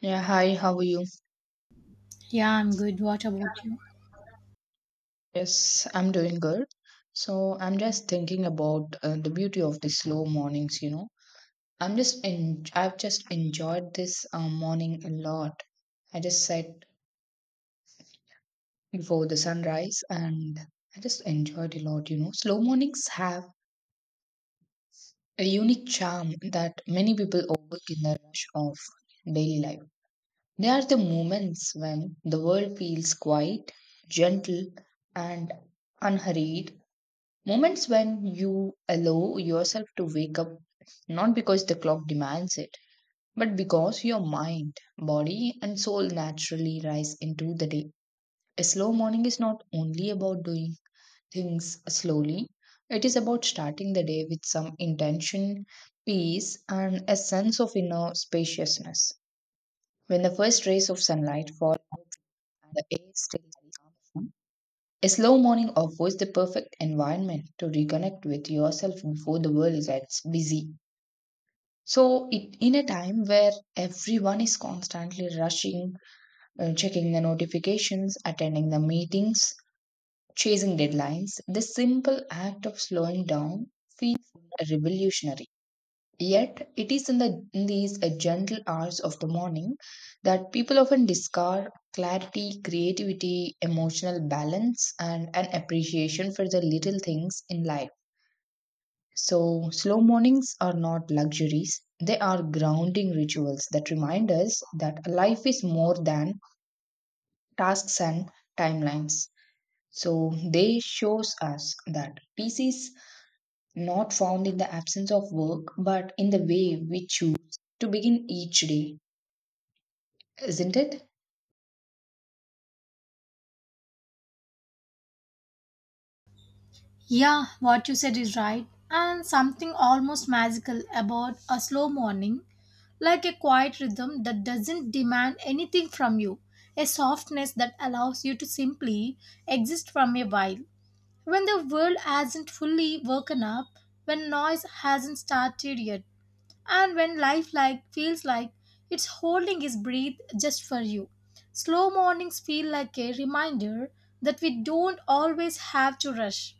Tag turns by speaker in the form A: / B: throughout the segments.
A: Yeah, hi, how are you?
B: Yeah, I'm good. What about you?
A: Yes, I'm doing good. So I'm just thinking about the beauty of the slow mornings, you know. I've just enjoyed this morning a lot. I just sat before the sunrise and I just enjoyed a lot, you know. Slow mornings have a unique charm that many people overlook in the rush of daily life. They are the moments when the world feels quiet, gentle, and unhurried. Moments when you allow yourself to wake up, not because the clock demands it, but because your mind, body, and soul naturally rise into the day. A slow morning is not only about doing things slowly, it is about starting the day with some intention, peace, and a sense of inner spaciousness. When the first rays of sunlight fall and the air still, a slow morning offers the perfect environment to reconnect with yourself before the world gets busy. So, it, in a time where everyone is constantly rushing, checking the notifications, attending the meetings, chasing deadlines, this simple act of slowing down feels revolutionary. Yet it is in these gentle hours of the morning that people often discover clarity, creativity, emotional balance, and an appreciation for the little things in life. So slow mornings are not luxuries. They are grounding rituals that remind us that life is more than tasks and timelines. So they shows us that peace is not found in the absence of work, but in the way we choose to begin each day. Isn't it?
B: Yeah, what you said is right. And something almost magical about a slow morning, like a quiet rhythm that doesn't demand anything from you, a softness that allows you to simply exist from a while. When the world hasn't fully woken up, when noise hasn't started yet, and when life like feels like it's holding its breath just for you. Slow mornings feel like a reminder that we don't always have to rush.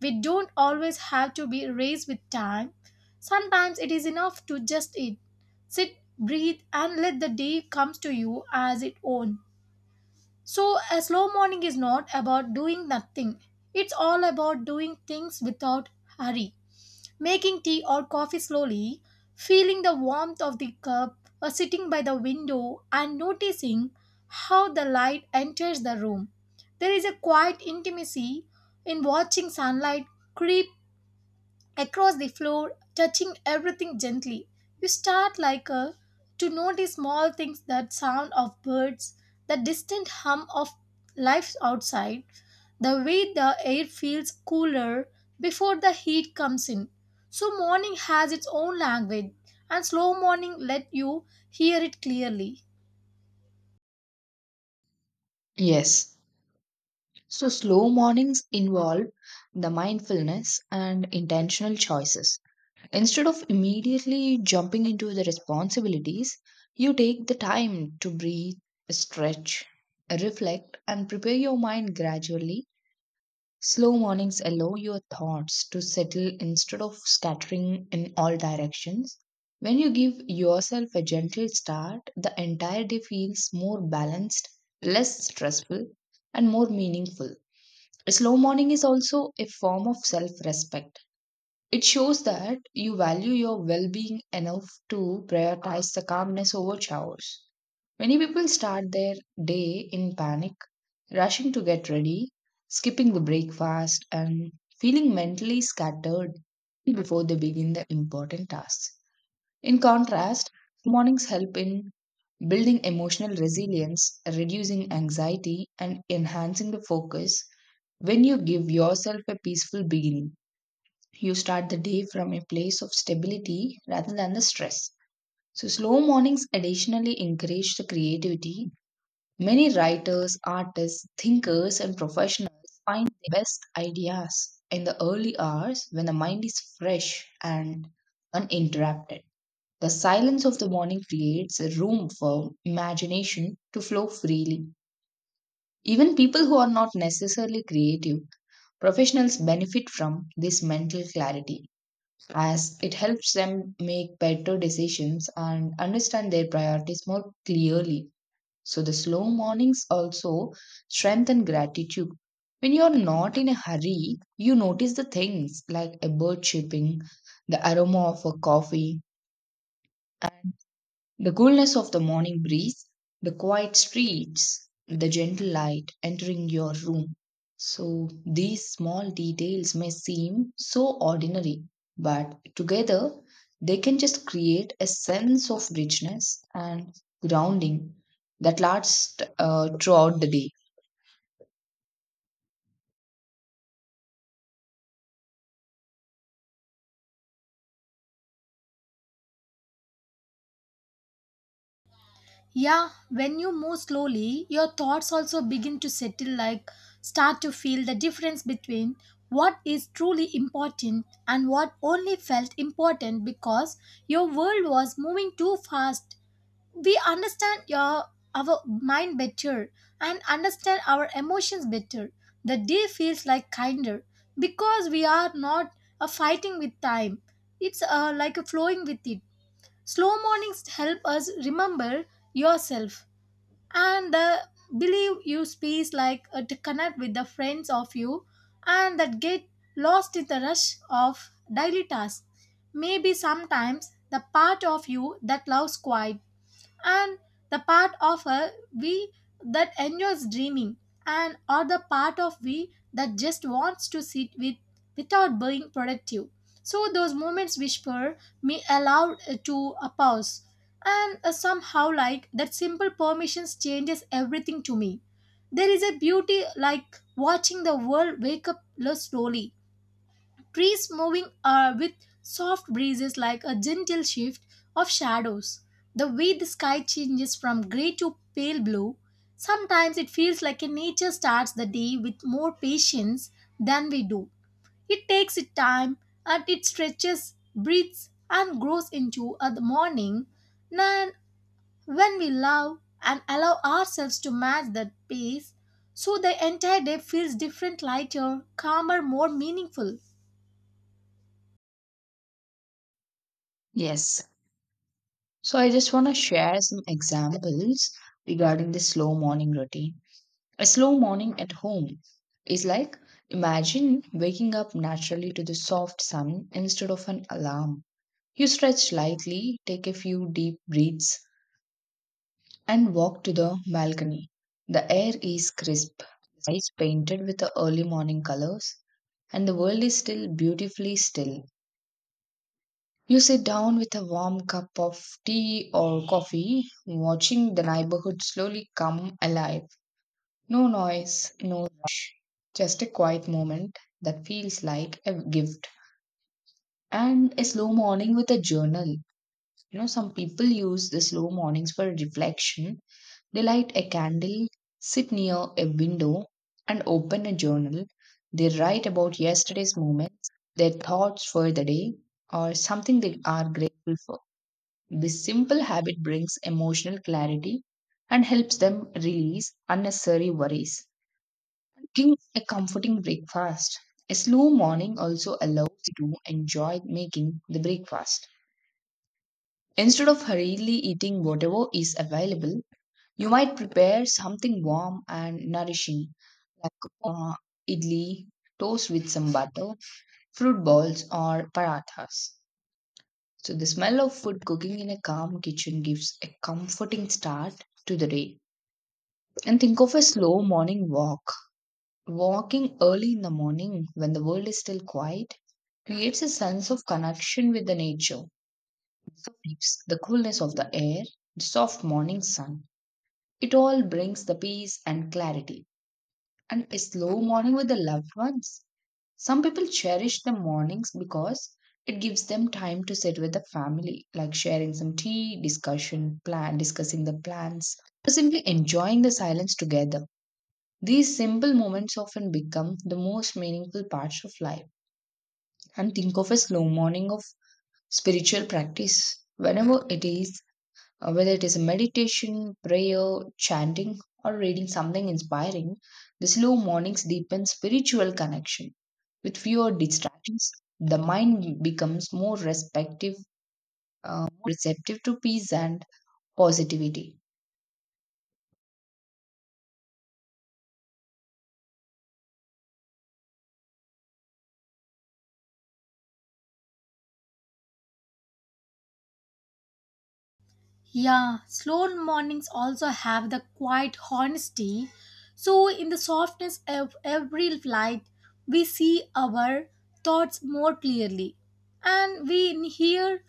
B: We don't always have to be raised with time. Sometimes it is enough to just eat, sit, breathe, and let the day comes to you as its own. So a slow morning is not about doing nothing, it's all about doing things without hurry, making tea or coffee slowly, feeling the warmth of the cup, or sitting by the window and noticing how the light enters the room. There is a quiet intimacy in watching sunlight creep across the floor, touching everything gently. You start like a to notice small things, that sound of birds, the distant hum of life outside, the way the air feels cooler before the heat comes in. So morning has its own language and slow morning let you hear it clearly.
A: Yes. So, slow mornings involve the mindfulness and intentional choices. Instead of immediately jumping into the responsibilities, you take the time to breathe, stretch, reflect, and prepare your mind gradually. Slow mornings allow your thoughts to settle instead of scattering in all directions. When you give yourself a gentle start, the entire day feels more balanced, less stressful, and more meaningful. A slow morning is also a form of self respect. It shows that you value your well being enough to prioritize the calmness over chores. Many people start their day in panic, rushing to get ready, skipping the breakfast, and feeling mentally scattered before they begin the important tasks. In contrast, mornings help in building emotional resilience, reducing anxiety, and enhancing the focus. When you give yourself a peaceful beginning, you start the day from a place of stability rather than the stress. So, slow mornings additionally encourage the creativity. Many writers, artists, thinkers, and professionals find their best ideas in the early hours when the mind is fresh and uninterrupted. The silence of the morning creates a room for imagination to flow freely. Even people who are not necessarily creative, professionals benefit from this mental clarity as it helps them make better decisions and understand their priorities more clearly. So the slow mornings also strengthen gratitude. When you're not in a hurry, you notice the things like a bird chirping, the aroma of a coffee, the coolness of the morning breeze, the quiet streets, the gentle light entering your room. So, these small details may seem so ordinary, but together they can just create a sense of richness and grounding that lasts throughout the day.
B: Yeah, when you move slowly, your thoughts also begin to settle, like start to feel the difference between what is truly important and what only felt important because your world was moving too fast. We understand your our mind better and understand our emotions better. The day feels like kinder because we are not fighting with time. It's like a flowing with it. Slow mornings help us remember yourself and the believe you space like to connect with the friends of you and that get lost in the rush of daily tasks. Maybe sometimes the part of you that loves quiet, and the part of a we that enjoys dreaming, and or the part of we that just wants to sit with without being productive. So those moments whisper me aloud to a pause, and somehow like that simple permissions changes everything to me. There is a beauty like watching the world wake up less slowly, trees moving with soft breezes, like a gentle shift of shadows. The way the sky changes from grey to pale blue, sometimes it feels like a nature starts the day with more patience than we do. It takes its time and it stretches, breathes, and grows into the morning. Then, when we love and allow ourselves to match that pace, so the entire day feels different, lighter, calmer, more meaningful.
A: Yes. So, I just want to share some examples regarding the slow morning routine. A slow morning at home is like imagine waking up naturally to the soft sun instead of an alarm. You stretch lightly, take a few deep breaths, and walk to the balcony. The air is crisp, the sky is painted with the early morning colors, and the world is still beautifully still. You sit down with a warm cup of tea or coffee, watching the neighborhood slowly come alive. No noise, no rush, just a quiet moment that feels like a gift. And a slow morning with a journal. You know, some people use the slow mornings for reflection. They light a candle, sit near a window, and open a journal. They write about yesterday's moments, their thoughts for the day, or something they are grateful for. This simple habit brings emotional clarity and helps them release unnecessary worries. Cooking a comforting breakfast. A slow morning also allows you to enjoy making the breakfast. Instead of hurriedly eating whatever is available, you might prepare something warm and nourishing, like idli, toast with some butter, fruit balls, or parathas. So, the smell of food cooking in a calm kitchen gives a comforting start to the day. And think of a slow morning walk. Walking early in the morning when the world is still quiet creates a sense of connection with the nature, the leaves, the coolness of the air, the soft morning sun. It all brings the peace and clarity. And a slow morning with the loved ones. Some people cherish the mornings because it gives them time to sit with the family, like sharing some tea, discussion, plan, discussing the plans, or simply enjoying the silence together. These simple moments often become the most meaningful parts of life. And think of a slow morning of spiritual practice, whenever it is, whether it is a meditation, prayer, chanting, or reading something inspiring, the slow mornings deepen spiritual connection. With fewer distractions, the mind becomes more respective, receptive to peace and positivity.
B: Yeah, slow mornings also have the quiet honesty. So, in the softness of every light, we see our thoughts more clearly and we hear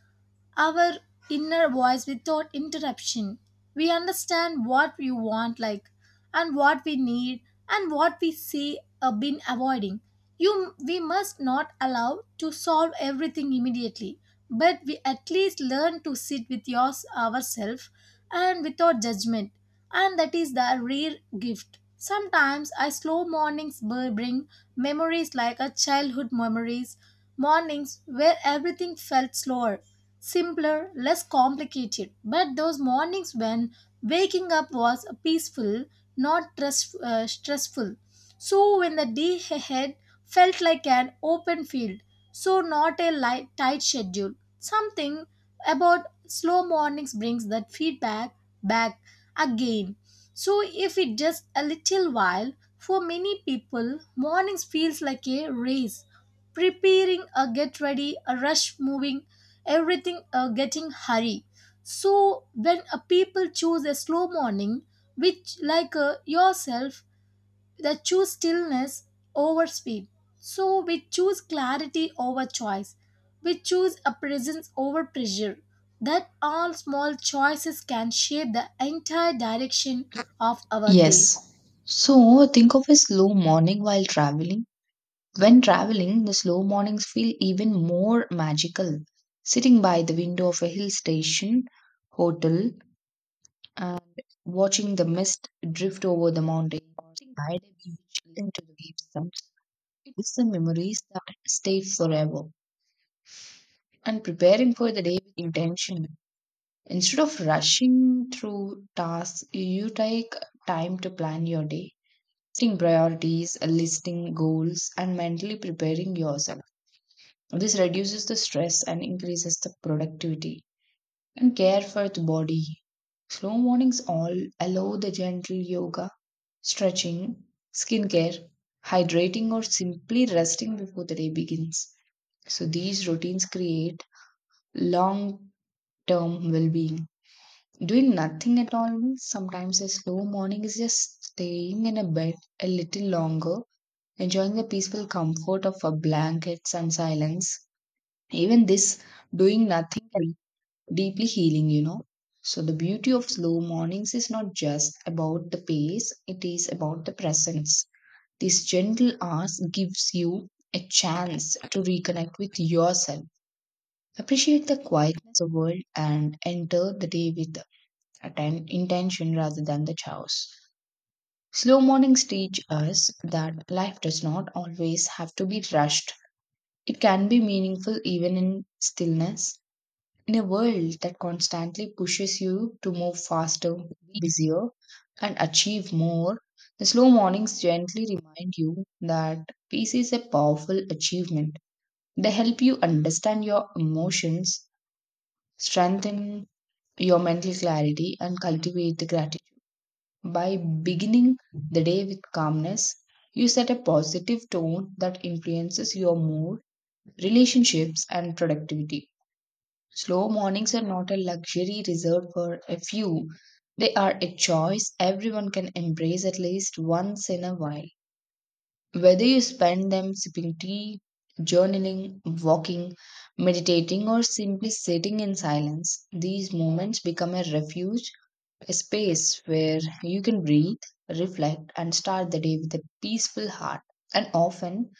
B: our inner voice without interruption. We understand what we want, like, and what we need, and what we see been avoiding. You, we must not allow to solve everything immediately, but we at least learn to sit with yours ourselves and without judgment, and that is the rare gift. Sometimes I slow mornings bring memories like a childhood memories, mornings where everything felt slower, simpler, less complicated. But those mornings when waking up was peaceful, not stressful. So when the day ahead felt like an open field, so not a light, tight schedule. Something about slow mornings brings that feedback back again. So if it just a little while, for many people, mornings feels like a race, preparing a get ready, a rush moving everything getting hurry. So when a people choose a slow morning, which like yourself, that choose stillness over speed, so we choose clarity over choice, we choose a presence over pressure. That all small choices can shape the entire direction of our day.
A: Yes. So think of a slow morning while traveling. When traveling, the slow mornings feel even more magical. Sitting by the window of a hill station, hotel, and watching the mist drift over the mountain or sitting by the beach listening to the waves sounds, it is the memories that stay forever. And preparing for the day with intention instead of rushing through tasks, you take time to plan your day, setting priorities, listing goals, and mentally preparing yourself. This reduces the stress and increases the productivity. And care for the body, slow mornings all allow the gentle yoga, stretching, skincare, hydrating, or simply resting before the day begins. So these routines create long term well being. Doing nothing at all means sometimes a slow morning is just staying in a bed a little longer, enjoying the peaceful comfort of a blankets and silence. Even this doing nothing can be deeply healing, you know. So the beauty of slow mornings is not just about the pace, it is about the presence. This gentle ask gives you a chance to reconnect with yourself, appreciate the quietness of the world, and enter the day with intention rather than the chaos. Slow mornings teach us that life does not always have to be rushed. It can be meaningful even in stillness. In a world that constantly pushes you to move faster, be busier, and achieve more, the slow mornings gently remind you that peace is a powerful achievement. They help you understand your emotions, strengthen your mental clarity, and cultivate the gratitude. By beginning the day with calmness, you set a positive tone that influences your mood, relationships, and productivity. Slow mornings are not a luxury reserved for a few. They are a choice everyone can embrace at least once in a while. Whether you spend them sipping tea, journaling, walking, meditating, or simply sitting in silence, these moments become a refuge, a space where you can breathe, reflect, and start the day with a peaceful heart. And often,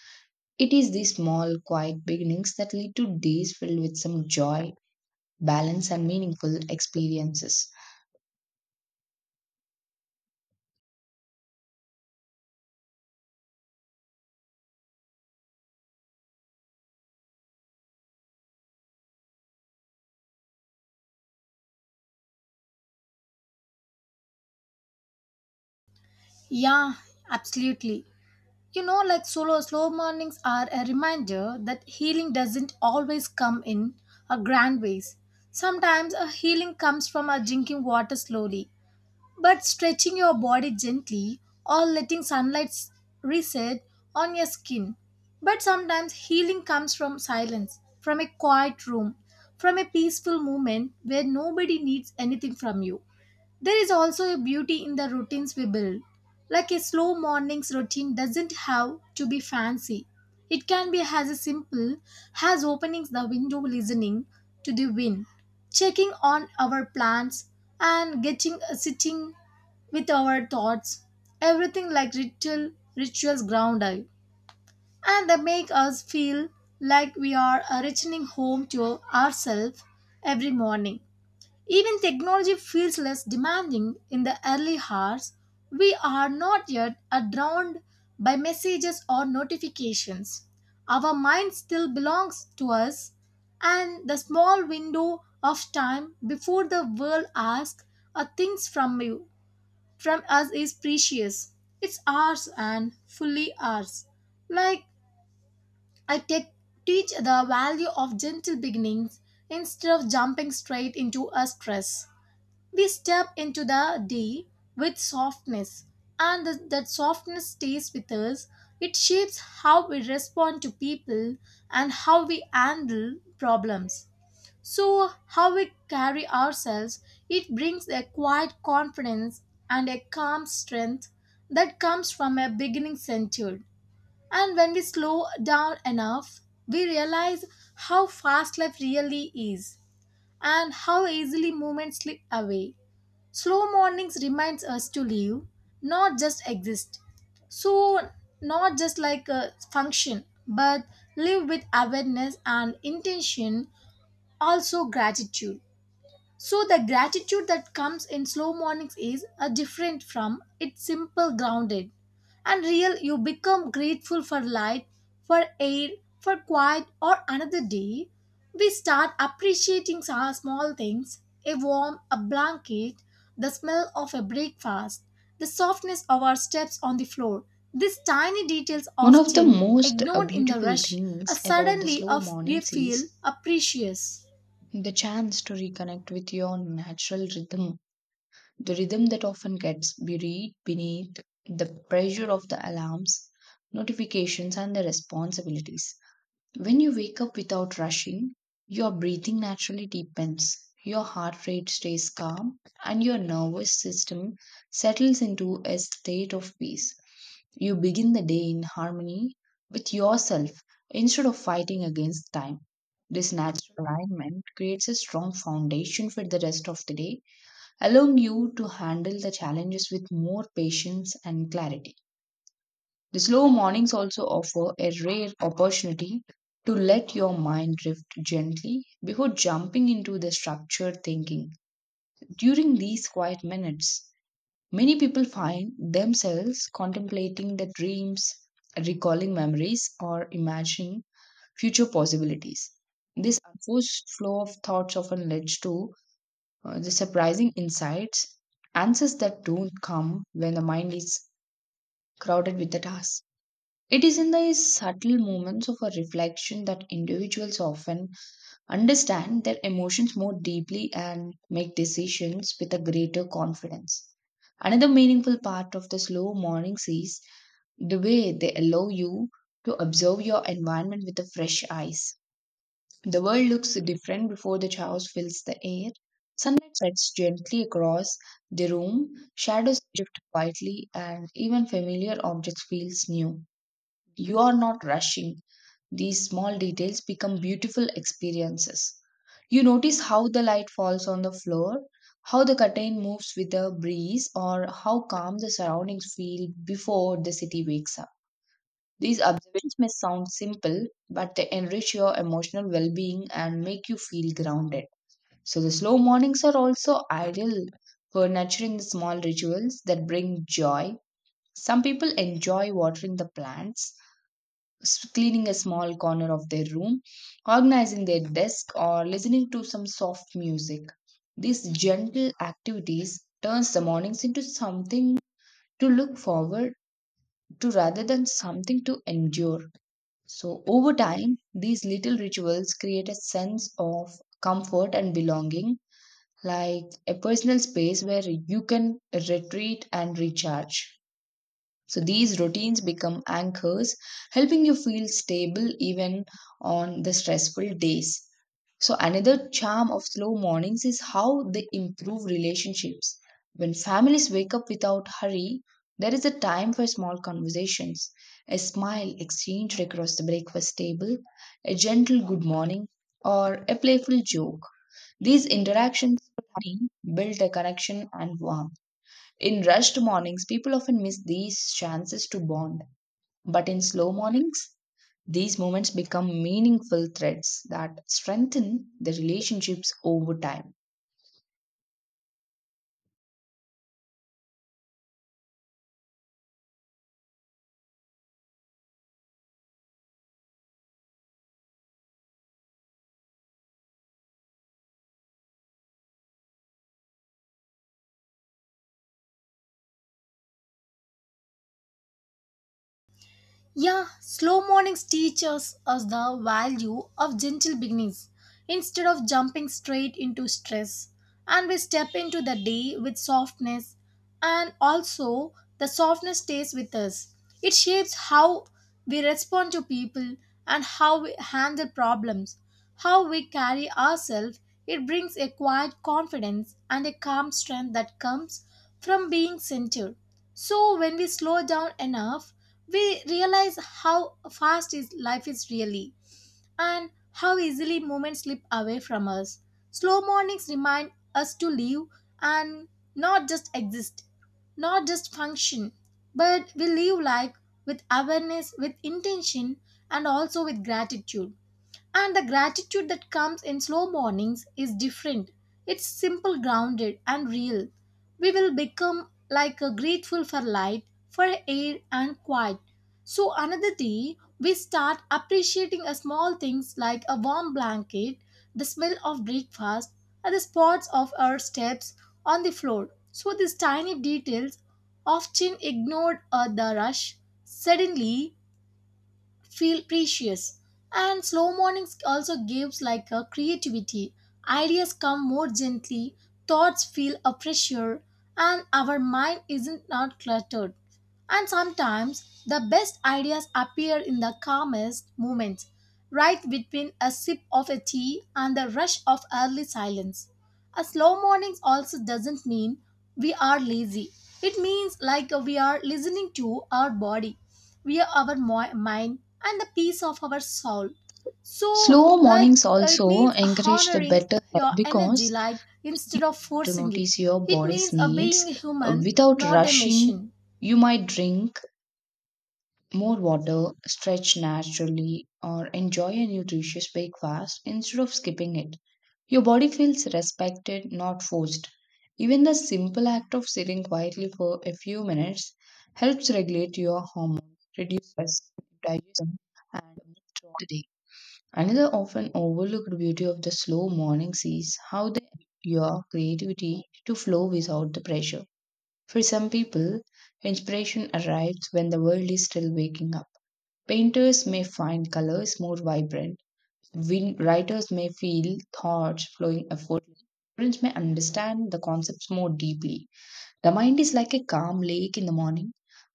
A: it is these small, quiet beginnings that lead to days filled with some joy, balance, and meaningful experiences.
B: Yeah, absolutely. You know, like solo slow mornings are a reminder that healing doesn't always come in a grand ways. Sometimes a healing comes from a drinking water slowly, but stretching your body gently, or letting sunlight reset on your skin. But sometimes healing comes from silence, from a quiet room, from a peaceful moment where nobody needs anything from you. There is also a beauty in the routines we build. Like a slow morning's routine doesn't have to be fancy. It can be as simple as opening the window, listening to the wind, checking on our plants, and getting sitting with our thoughts. Everything like rituals ground us, and they make us feel like we are a returning home to ourselves every morning. Even technology feels less demanding in the early hours. We are not yet are drowned by messages or notifications. Our mind still belongs to us, and the small window of time before the world asks a things from you from us is precious. It's ours and fully ours. Like I take, teach the value of gentle beginnings instead of jumping straight into a stress. We step into the day with softness, and that softness stays with us. It shapes how we respond to people and how we handle problems. So, how we carry ourselves, it brings a quiet confidence and a calm strength that comes from a beginning centered. And when we slow down enough, we realize how fast life really is and how easily moments slip away. Slow mornings reminds us to live, not just exist. So not just like a function, but live with awareness and intention, also gratitude. So the gratitude that comes in slow mornings is a different from, it's simple, grounded, and real. You become grateful for light, for air, for quiet or another day. We start appreciating our small things, a warm a blanket, the smell of a breakfast, the softness of our steps on the floor. These tiny details
A: One of the
B: often
A: most
B: ignored in the
A: beautiful
B: rush, are
A: things about the
B: suddenly
A: slow
B: of we
A: mornings is
B: feel apprecious.
A: the chance to reconnect with your natural rhythm, the rhythm that often gets buried beneath the pressure of the alarms, notifications, and the responsibilities. When you wake up without rushing, your breathing naturally deepens, your heart rate stays calm, and your nervous system settles into a state of peace. You begin the day in harmony with yourself instead of fighting against time. This natural alignment creates a strong foundation for the rest of the day, allowing you to handle the challenges with more patience and clarity. The slow mornings also offer a rare opportunity to let your mind drift gently before jumping into the structured thinking. During these quiet minutes, many people find themselves contemplating their dreams, recalling memories, or imagining future possibilities. This unforced flow of thoughts often leads to the surprising insights, answers that don't come when the mind is crowded with the task. It is in these subtle moments of a reflection that individuals often understand their emotions more deeply and make decisions with a greater confidence. Another meaningful part of the slow mornings is the way they allow you to observe your environment with a fresh eyes. The world looks different before the chaos fills the air. Sunlight sets gently across the room, shadows drift quietly, and even familiar objects feels new. You are not rushing. These small details become beautiful experiences. You notice how the light falls on the floor, how the curtain moves with the breeze, or how calm the surroundings feel before the city wakes up. These observations may sound simple, but they enrich your emotional well being and make you feel grounded. So, the slow mornings are also ideal for nurturing the small rituals that bring joy. Some people enjoy watering the plants, cleaning a small corner of their room, organizing their desk, or listening to some soft music. These gentle activities turns the mornings into something to look forward to rather than something to endure. So over time, these little rituals create a sense of comfort and belonging, like a personal space where you can retreat and recharge. So these routines become anchors, helping you feel stable even on the stressful days. So, another charm of slow mornings is how they improve relationships. When families wake up without hurry, there is a time for small conversations, a smile exchanged across the breakfast table, a gentle good morning, or a playful joke. These interactions build a connection and warmth. In rushed mornings, people often miss these chances to bond. But in slow mornings, these moments become meaningful threads that strengthen the relationships over time.
B: Yeah, slow mornings teach us the value of gentle beginnings instead of jumping straight into stress. And we step into the day with softness, and also the softness stays with us. It shapes how we respond to people and how we handle problems, how we carry ourselves. It brings a quiet confidence and a calm strength that comes from being centered. So when we slow down enough, we realize how fast is life is really and how easily moments slip away from us. Slow mornings remind us to live, and not just exist, not just function, but we live like with awareness, with intention, and also with gratitude. And the gratitude that comes in slow mornings is different. It's simple, grounded, and real. We will become like a grateful for light, for air, and quiet. So another day, we start appreciating a small things like a warm blanket, the smell of breakfast, and the spots of our steps on the floor. So these tiny details, often ignored, are the rush. Suddenly, feel precious. And slow mornings also gives like a creativity, ideas come more gently, thoughts feel a pressure, and our mind isn't not cluttered. And sometimes the best ideas appear in the calmest moments, right between a sip of a tea and the rush of early silence. A slow morning also doesn't mean we are lazy. It means like we are listening to our body, we are our mind, and the peace of our soul. So,
A: Slow
B: like
A: mornings
B: it
A: also
B: means
A: encourage the
B: honoring
A: better health
B: your energy,
A: because
B: like
A: this
B: instead
A: gives you
B: of
A: time to
B: forcing it.
A: notice your
B: It
A: body's
B: means
A: needs.
B: being a human,
A: Without
B: not a
A: rushing,
B: machine.
A: you might drink more water, stretch naturally, or enjoy a nutritious breakfast instead of skipping it. Your body feels respected, not forced. Even the simple act of sitting quietly for a few minutes helps regulate your hormones, reduce stress, digestion, and mood throughout the day. Another often overlooked beauty of the slow mornings is how they allow your creativity to flow without the pressure. For some people, inspiration arrives when the world is still waking up. Painters may find colors more vibrant. Writers may feel thoughts flowing effortlessly. Students may understand the concepts more deeply. The mind is like a calm lake in the morning.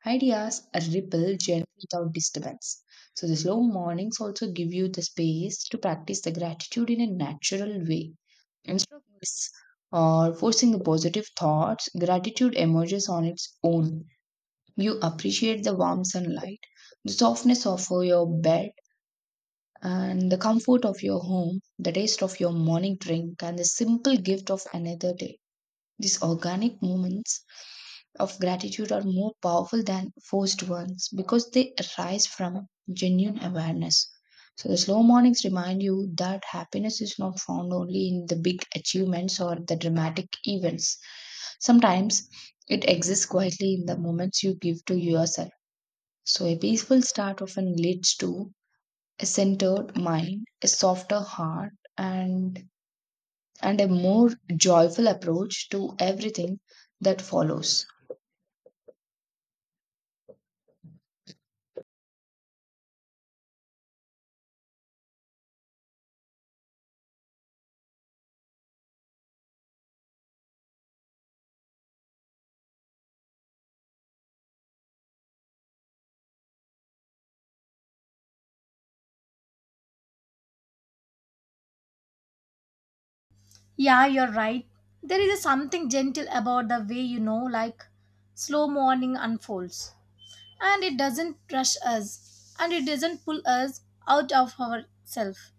A: Ideas ripple gently without disturbance. So, the slow mornings also give you the space to practice the gratitude in a natural way. Instead of this, or forcing the positive thoughts, gratitude emerges on its own. You appreciate the warm sunlight, the softness of your bed, and the comfort of your home, the taste of your morning drink, and the simple gift of another day. These organic moments of gratitude are more powerful than forced ones because they arise from genuine awareness. So, the slow mornings remind you that happiness is not found only in the big achievements or the dramatic events. Sometimes it exists quietly in the moments you give to yourself. So, a peaceful start often leads to a centered mind, a softer heart, and a more joyful approach to everything that follows.
B: Yeah, you're right. There is something gentle about the way you know, like slow morning unfolds. And it doesn't rush us and it doesn't pull us out of ourselves.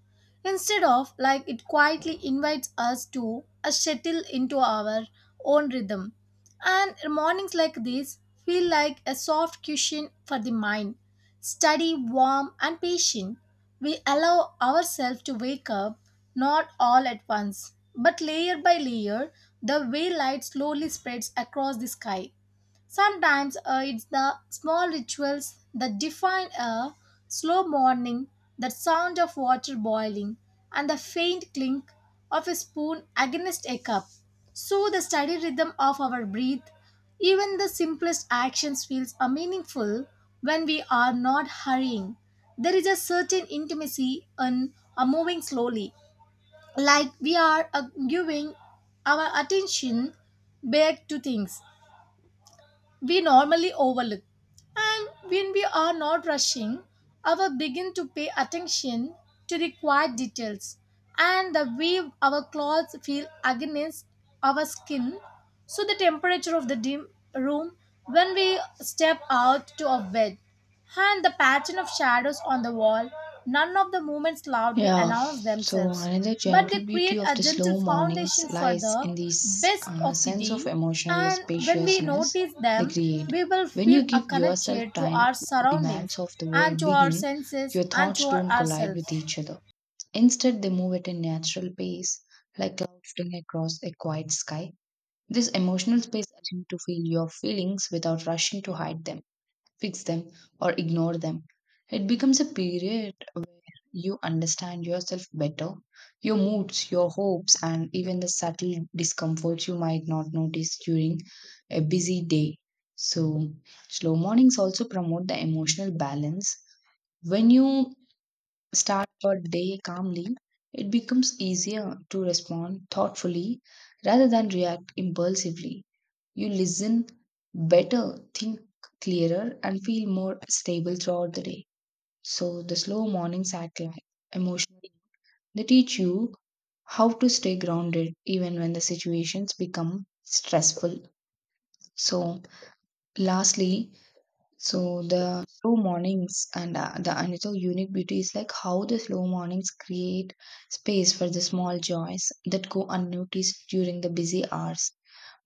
B: Instead of like it quietly invites us to a settle into our own rhythm. And mornings like this feel like a soft cushion for the mind, steady, warm, and patient. We allow ourselves to wake up not all at once, but layer by layer, the way light slowly spreads across the sky. Sometimes it's the small rituals that define a slow morning, the sound of water boiling, and the faint clink of a spoon against a cup. So the steady rhythm of our breath, even the simplest actions feels are meaningful when we are not hurrying. There is a certain intimacy in moving slowly, like we are giving our attention back to things we normally overlook. And when we are not rushing, our begin to pay attention to the quiet details and the way our clothes feel against our skin. So the temperature of the dim room when we step out to a bed and the pattern of shadows on the wall, none of the movements loudly
A: Yeah.
B: announce
A: So
B: themselves,
A: another
B: but
A: gentle
B: they create
A: beauty of
B: a
A: the
B: gentle
A: slow mornings
B: foundation for
A: lies
B: the
A: in this
B: best of the
A: sense of
B: day.
A: emotional
B: And when we
A: spaciousness
B: notice
A: they
B: them,
A: create.
B: we will
A: When you
B: feel a
A: give yourself
B: connected to
A: time
B: our
A: before
B: surroundings
A: demands of the
B: and
A: world
B: to our
A: begin,
B: senses
A: your
B: and to
A: thoughts
B: our
A: don't collide
B: ourselves.
A: with each other. Instead, they move at a natural pace, like clouds drifting across a quiet sky. This emotional space allows you to feel your feelings without rushing to hide them, fix them, or ignore them. It becomes a period where you understand yourself better, your moods, your hopes, and even the subtle discomforts you might not notice during a busy day. So, slow mornings also promote the emotional balance. When you start your day calmly, it becomes easier to respond thoughtfully rather than react impulsively. You listen better, think clearer, and feel more stable throughout the day. So, the slow mornings act like emotional. They teach you how to stay grounded even when the situations become stressful. So, lastly, so the slow mornings and the another unique beauty is like how the slow mornings create space for the small joys that go unnoticed during the busy hours.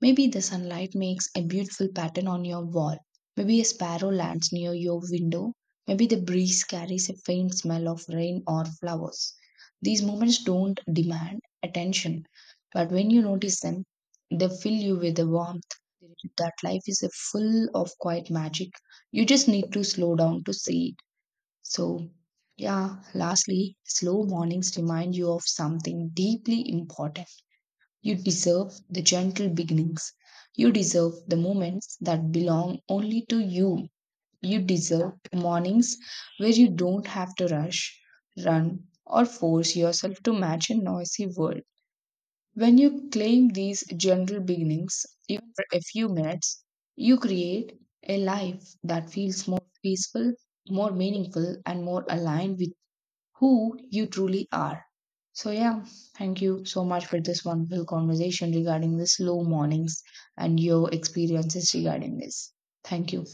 A: Maybe the sunlight makes a beautiful pattern on your wall. Maybe a sparrow lands near your window. Maybe the breeze carries a faint smell of rain or flowers. These moments don't demand attention, but when you notice them, they fill you with a warmth that life is a full of quiet magic. You just need to slow down to see it. So, yeah, lastly, slow mornings remind you of something deeply important. You deserve the gentle beginnings. You deserve the moments that belong only to you. You deserve mornings where you don't have to rush, run, or force yourself to match a noisy world. When you claim these gentle beginnings, even for a few minutes, you create a life that feels more peaceful, more meaningful, and more aligned with who you truly are. So, yeah, thank you so much for this wonderful conversation regarding the slow mornings and your experiences regarding this. Thank you.